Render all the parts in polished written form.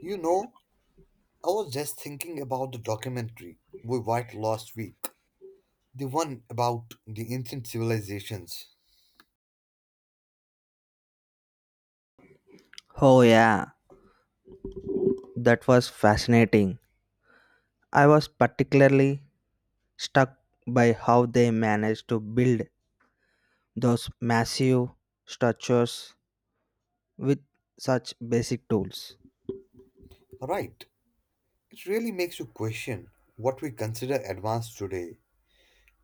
You know, I was just thinking about the documentary we watched last week, the one about the ancient civilizations. Oh, yeah, that was fascinating. I was particularly struck by how they managed to build those massive structures with such basic tools. Right, it really makes you question what we consider advanced today.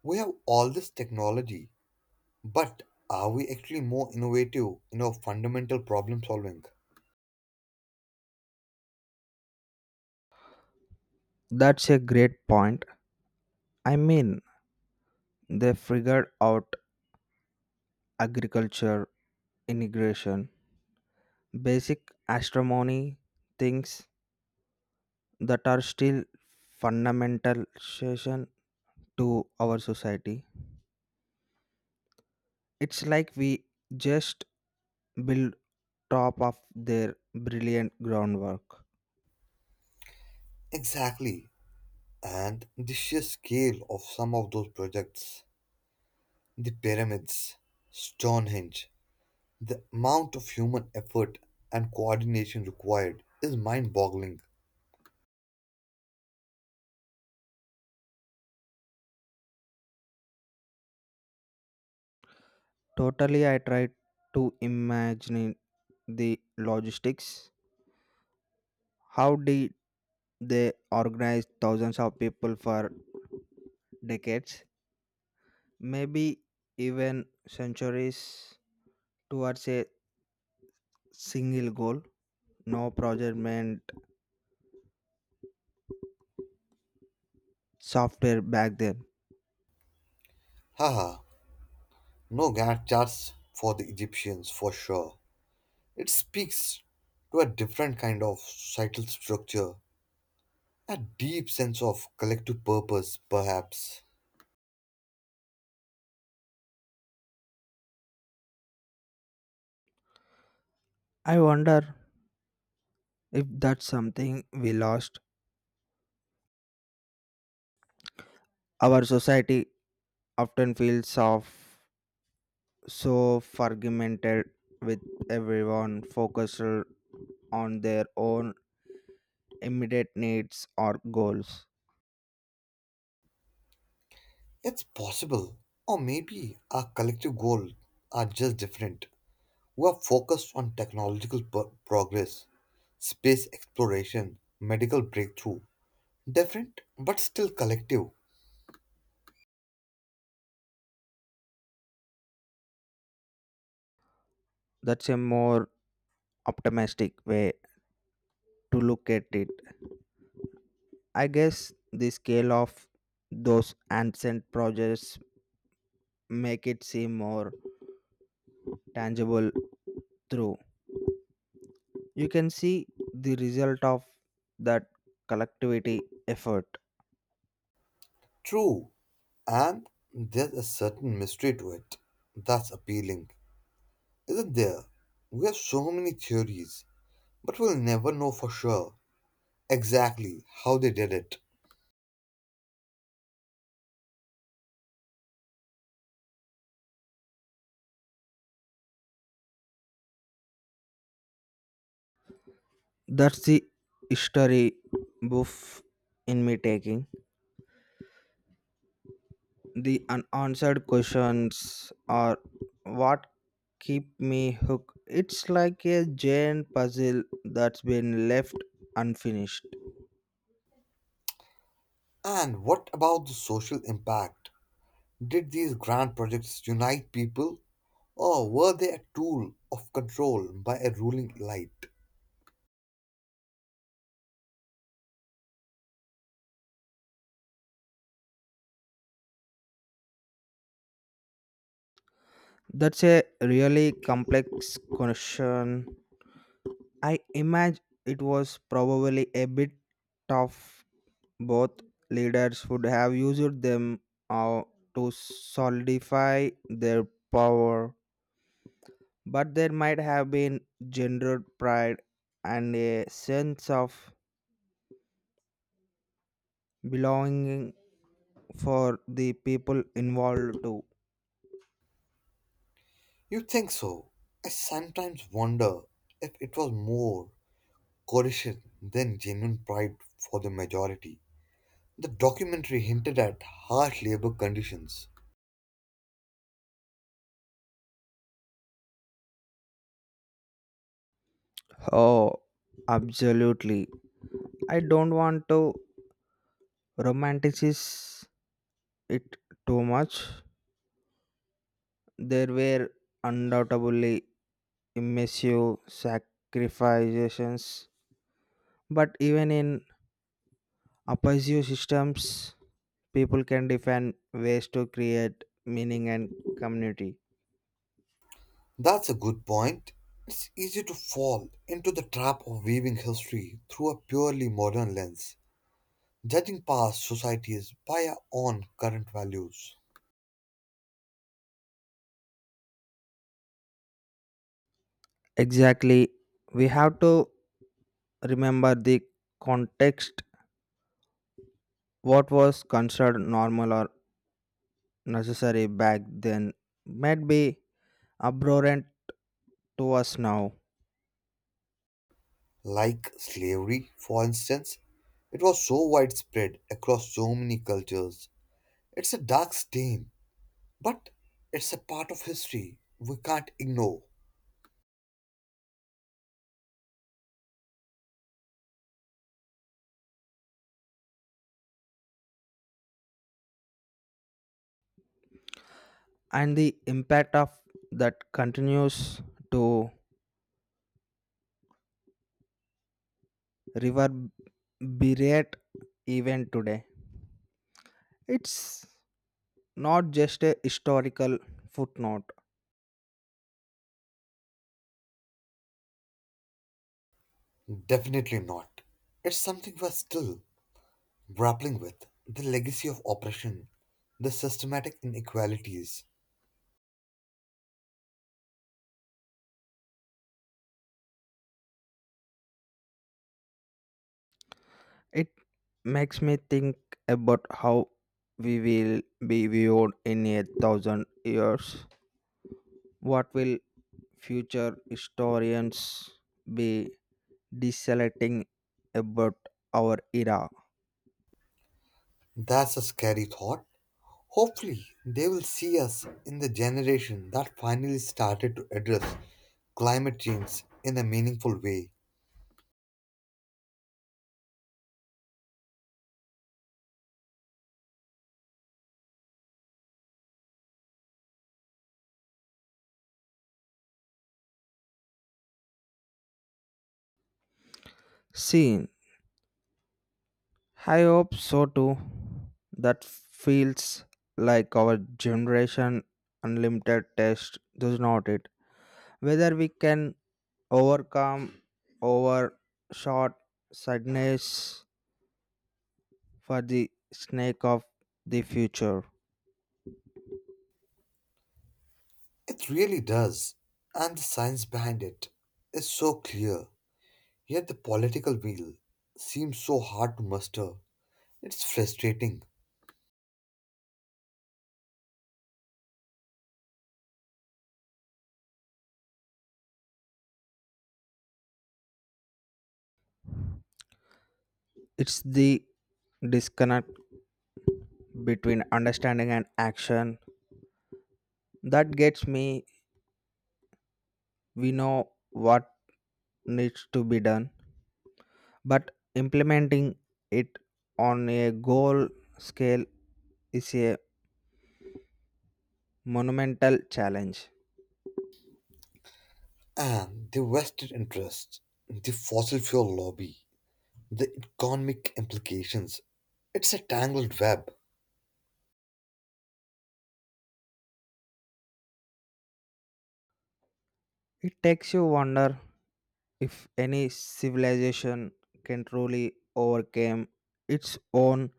We have all this technology, but are we actually more innovative in our fundamental problem solving? That's a great point. I mean, they figured out agriculture, irrigation, basic astronomy, things that are still fundamental session to our society. It's like we just build top of their brilliant groundwork. Exactly, and the sheer scale of some of those projects, the pyramids, Stonehenge, the amount of human effort and coordination required is mind boggling. Totally, I tried to imagine the logistics. How did they organize thousands of people for decades, maybe even centuries, towards a single goal? No project meant software back then. Haha, no Gantt charts for the Egyptians for sure. It speaks to a different kind of societal structure, a deep sense of collective purpose, perhaps. I wonder if that's something we lost. Our society often feels of so fragmented with everyone focused on their own immediate needs or goals. It's possible, or maybe our collective goals are just different. We are focused on technological progress, space exploration, medical breakthrough. Different, but still collective. That's a more optimistic way to look at it. I guess the scale of those ancient projects make it seem more tangible through. You can see the result of that collectivity effort. True, and there's a certain mystery to it that's appealing, isn't there? We have so many theories, but we'll never know for sure exactly how they did it. That's the history buff in me taking. The unanswered questions are what keep me hooked. It's like a giant puzzle that's been left unfinished. And what about the social impact? Did these grand projects unite people, or were they a tool of control by a ruling elite? That's a really complex question. I imagine it was probably a bit tough. Both leaders would have used them uh, to solidify their power, but there might have been gendered pride and a sense of belonging for the people involved too. You think so? I sometimes wonder if it was more coercion than genuine pride for the majority. The documentary hinted at harsh labor conditions. Oh, absolutely. I don't want to romanticize it too much. There were undoubtedly immersive sacrifices, but even in oppressive systems, people can defend ways to create meaning and community. That's a good point. It's easy to fall into the trap of weaving history through a purely modern lens, judging past societies by our own current values. Exactly. We have to remember the context what was considered normal or necessary back then might be abhorrent to us now, Like slavery, for instance, it was so widespread across so many cultures. It's a dark stain, but it's a part of history we can't ignore. and the impact of that continues to reverberate even today. It's not just a historical footnote, Definitely not. It's something we're still grappling with, the legacy of oppression, the systematic inequalities. it makes me think about how we will be viewed in a thousand years. What will future historians be desolating about our era. That's a scary thought. Hopefully, they will see us in the generation that finally started to address climate change in a meaningful way. Scene. I hope so too. That feels like our generation unlimited test, does not it? Whether we can overcome our short sadness for the snake of the future. It really does. And the science behind it is so clear, yet the political will seems so hard to muster. It's frustrating. It's the disconnect between understanding and action that gets me. We know what needs to be done, but implementing it on a goal scale is a monumental challenge. And the vested interests, the fossil fuel lobby, the economic implications. It's a tangled web. It takes you wonder if any civilization can truly overcome its own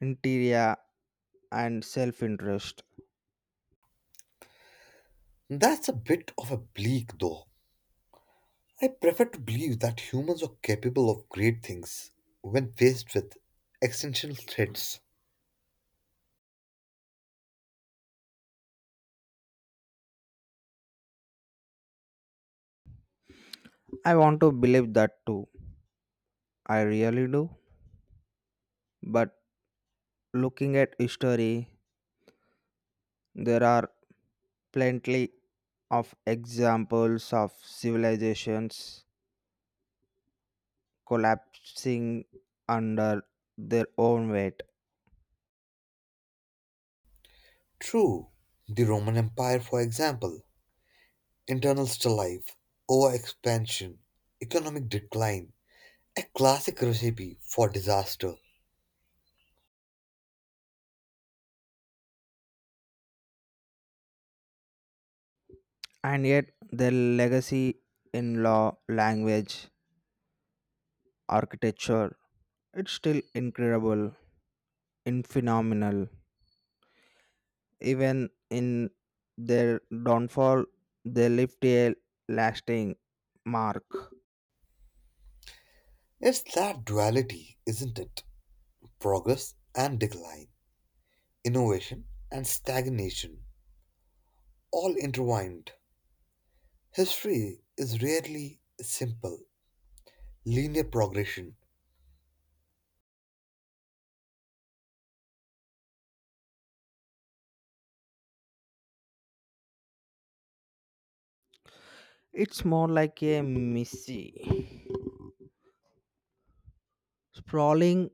interior and self-interest. That's a bit of a bleak, though. I prefer to believe that humans are capable of great things when faced with existential threats. I want to believe that too. I really do. But looking at history, there are plenty of examples of civilizations collapsing under their own weight. True, the Roman Empire, for example, internal strife, overexpansion, economic decline, a classic recipe for disaster. And yet, their legacy in law, language, architecture, it's still incredible and phenomenal. Even in their downfall, they left a lasting mark. It's that duality, isn't it? Progress and decline, innovation and stagnation, all intertwined. History is rarely simple, linear progression. It's more like a messy, sprawling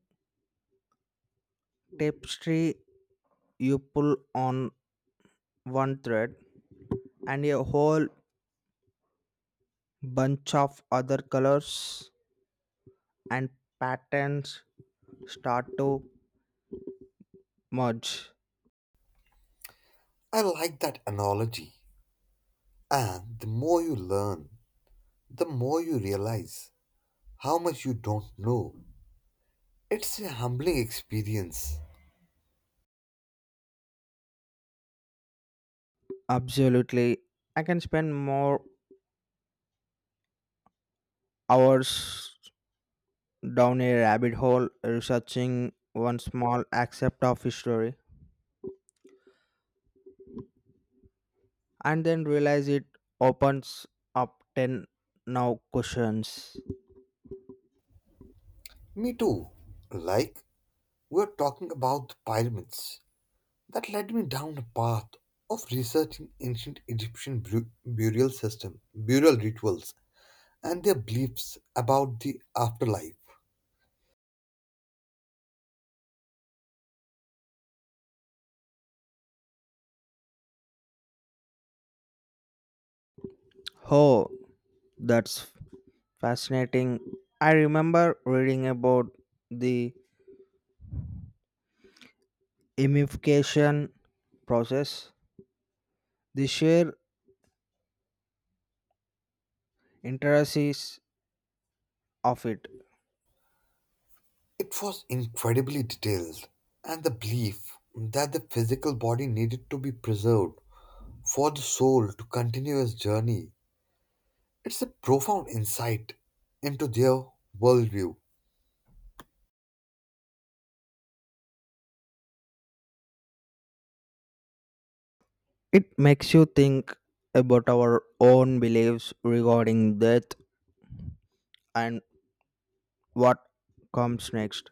tapestry you pull on one thread and a whole bunch of other colors and patterns start to merge. I like that analogy. And the more you learn, the more you realize how much you don't know. It's a humbling experience. Absolutely. I can spend more hours down a rabbit hole researching one small aspect of history and then realize it opens up 10 now questions. Me too. Like, we're talking about the pyramids. That led me down a path of researching ancient Egyptian burial system, burial rituals, and their beliefs about the afterlife. Oh, that's fascinating. I remember reading about the imification process, the sheer intricacies of it, It was incredibly detailed, and the belief that the physical body needed to be preserved for the soul to continue its journey. It's a profound insight into their worldview. it makes you think about our own beliefs regarding death and what comes next.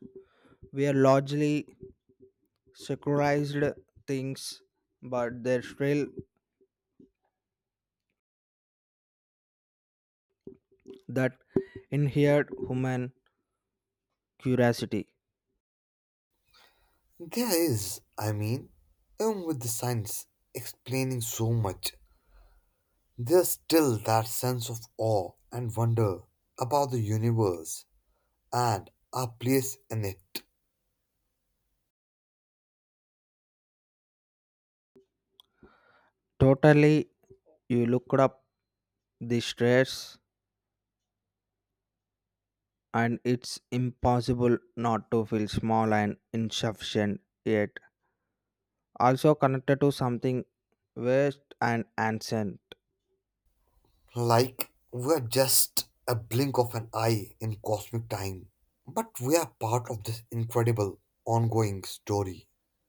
We are largely secularized things, but there's still that inherent human curiosity. There is, I mean, even with the science explaining so much, there's still that sense of awe and wonder about the universe and our place in it. Totally, you looked up the stress, and it's impossible not to feel small and insufficient yet. Also connected to something vast and ancient. Like we're just a blink of an eye in cosmic time, but we are part of this incredible ongoing story.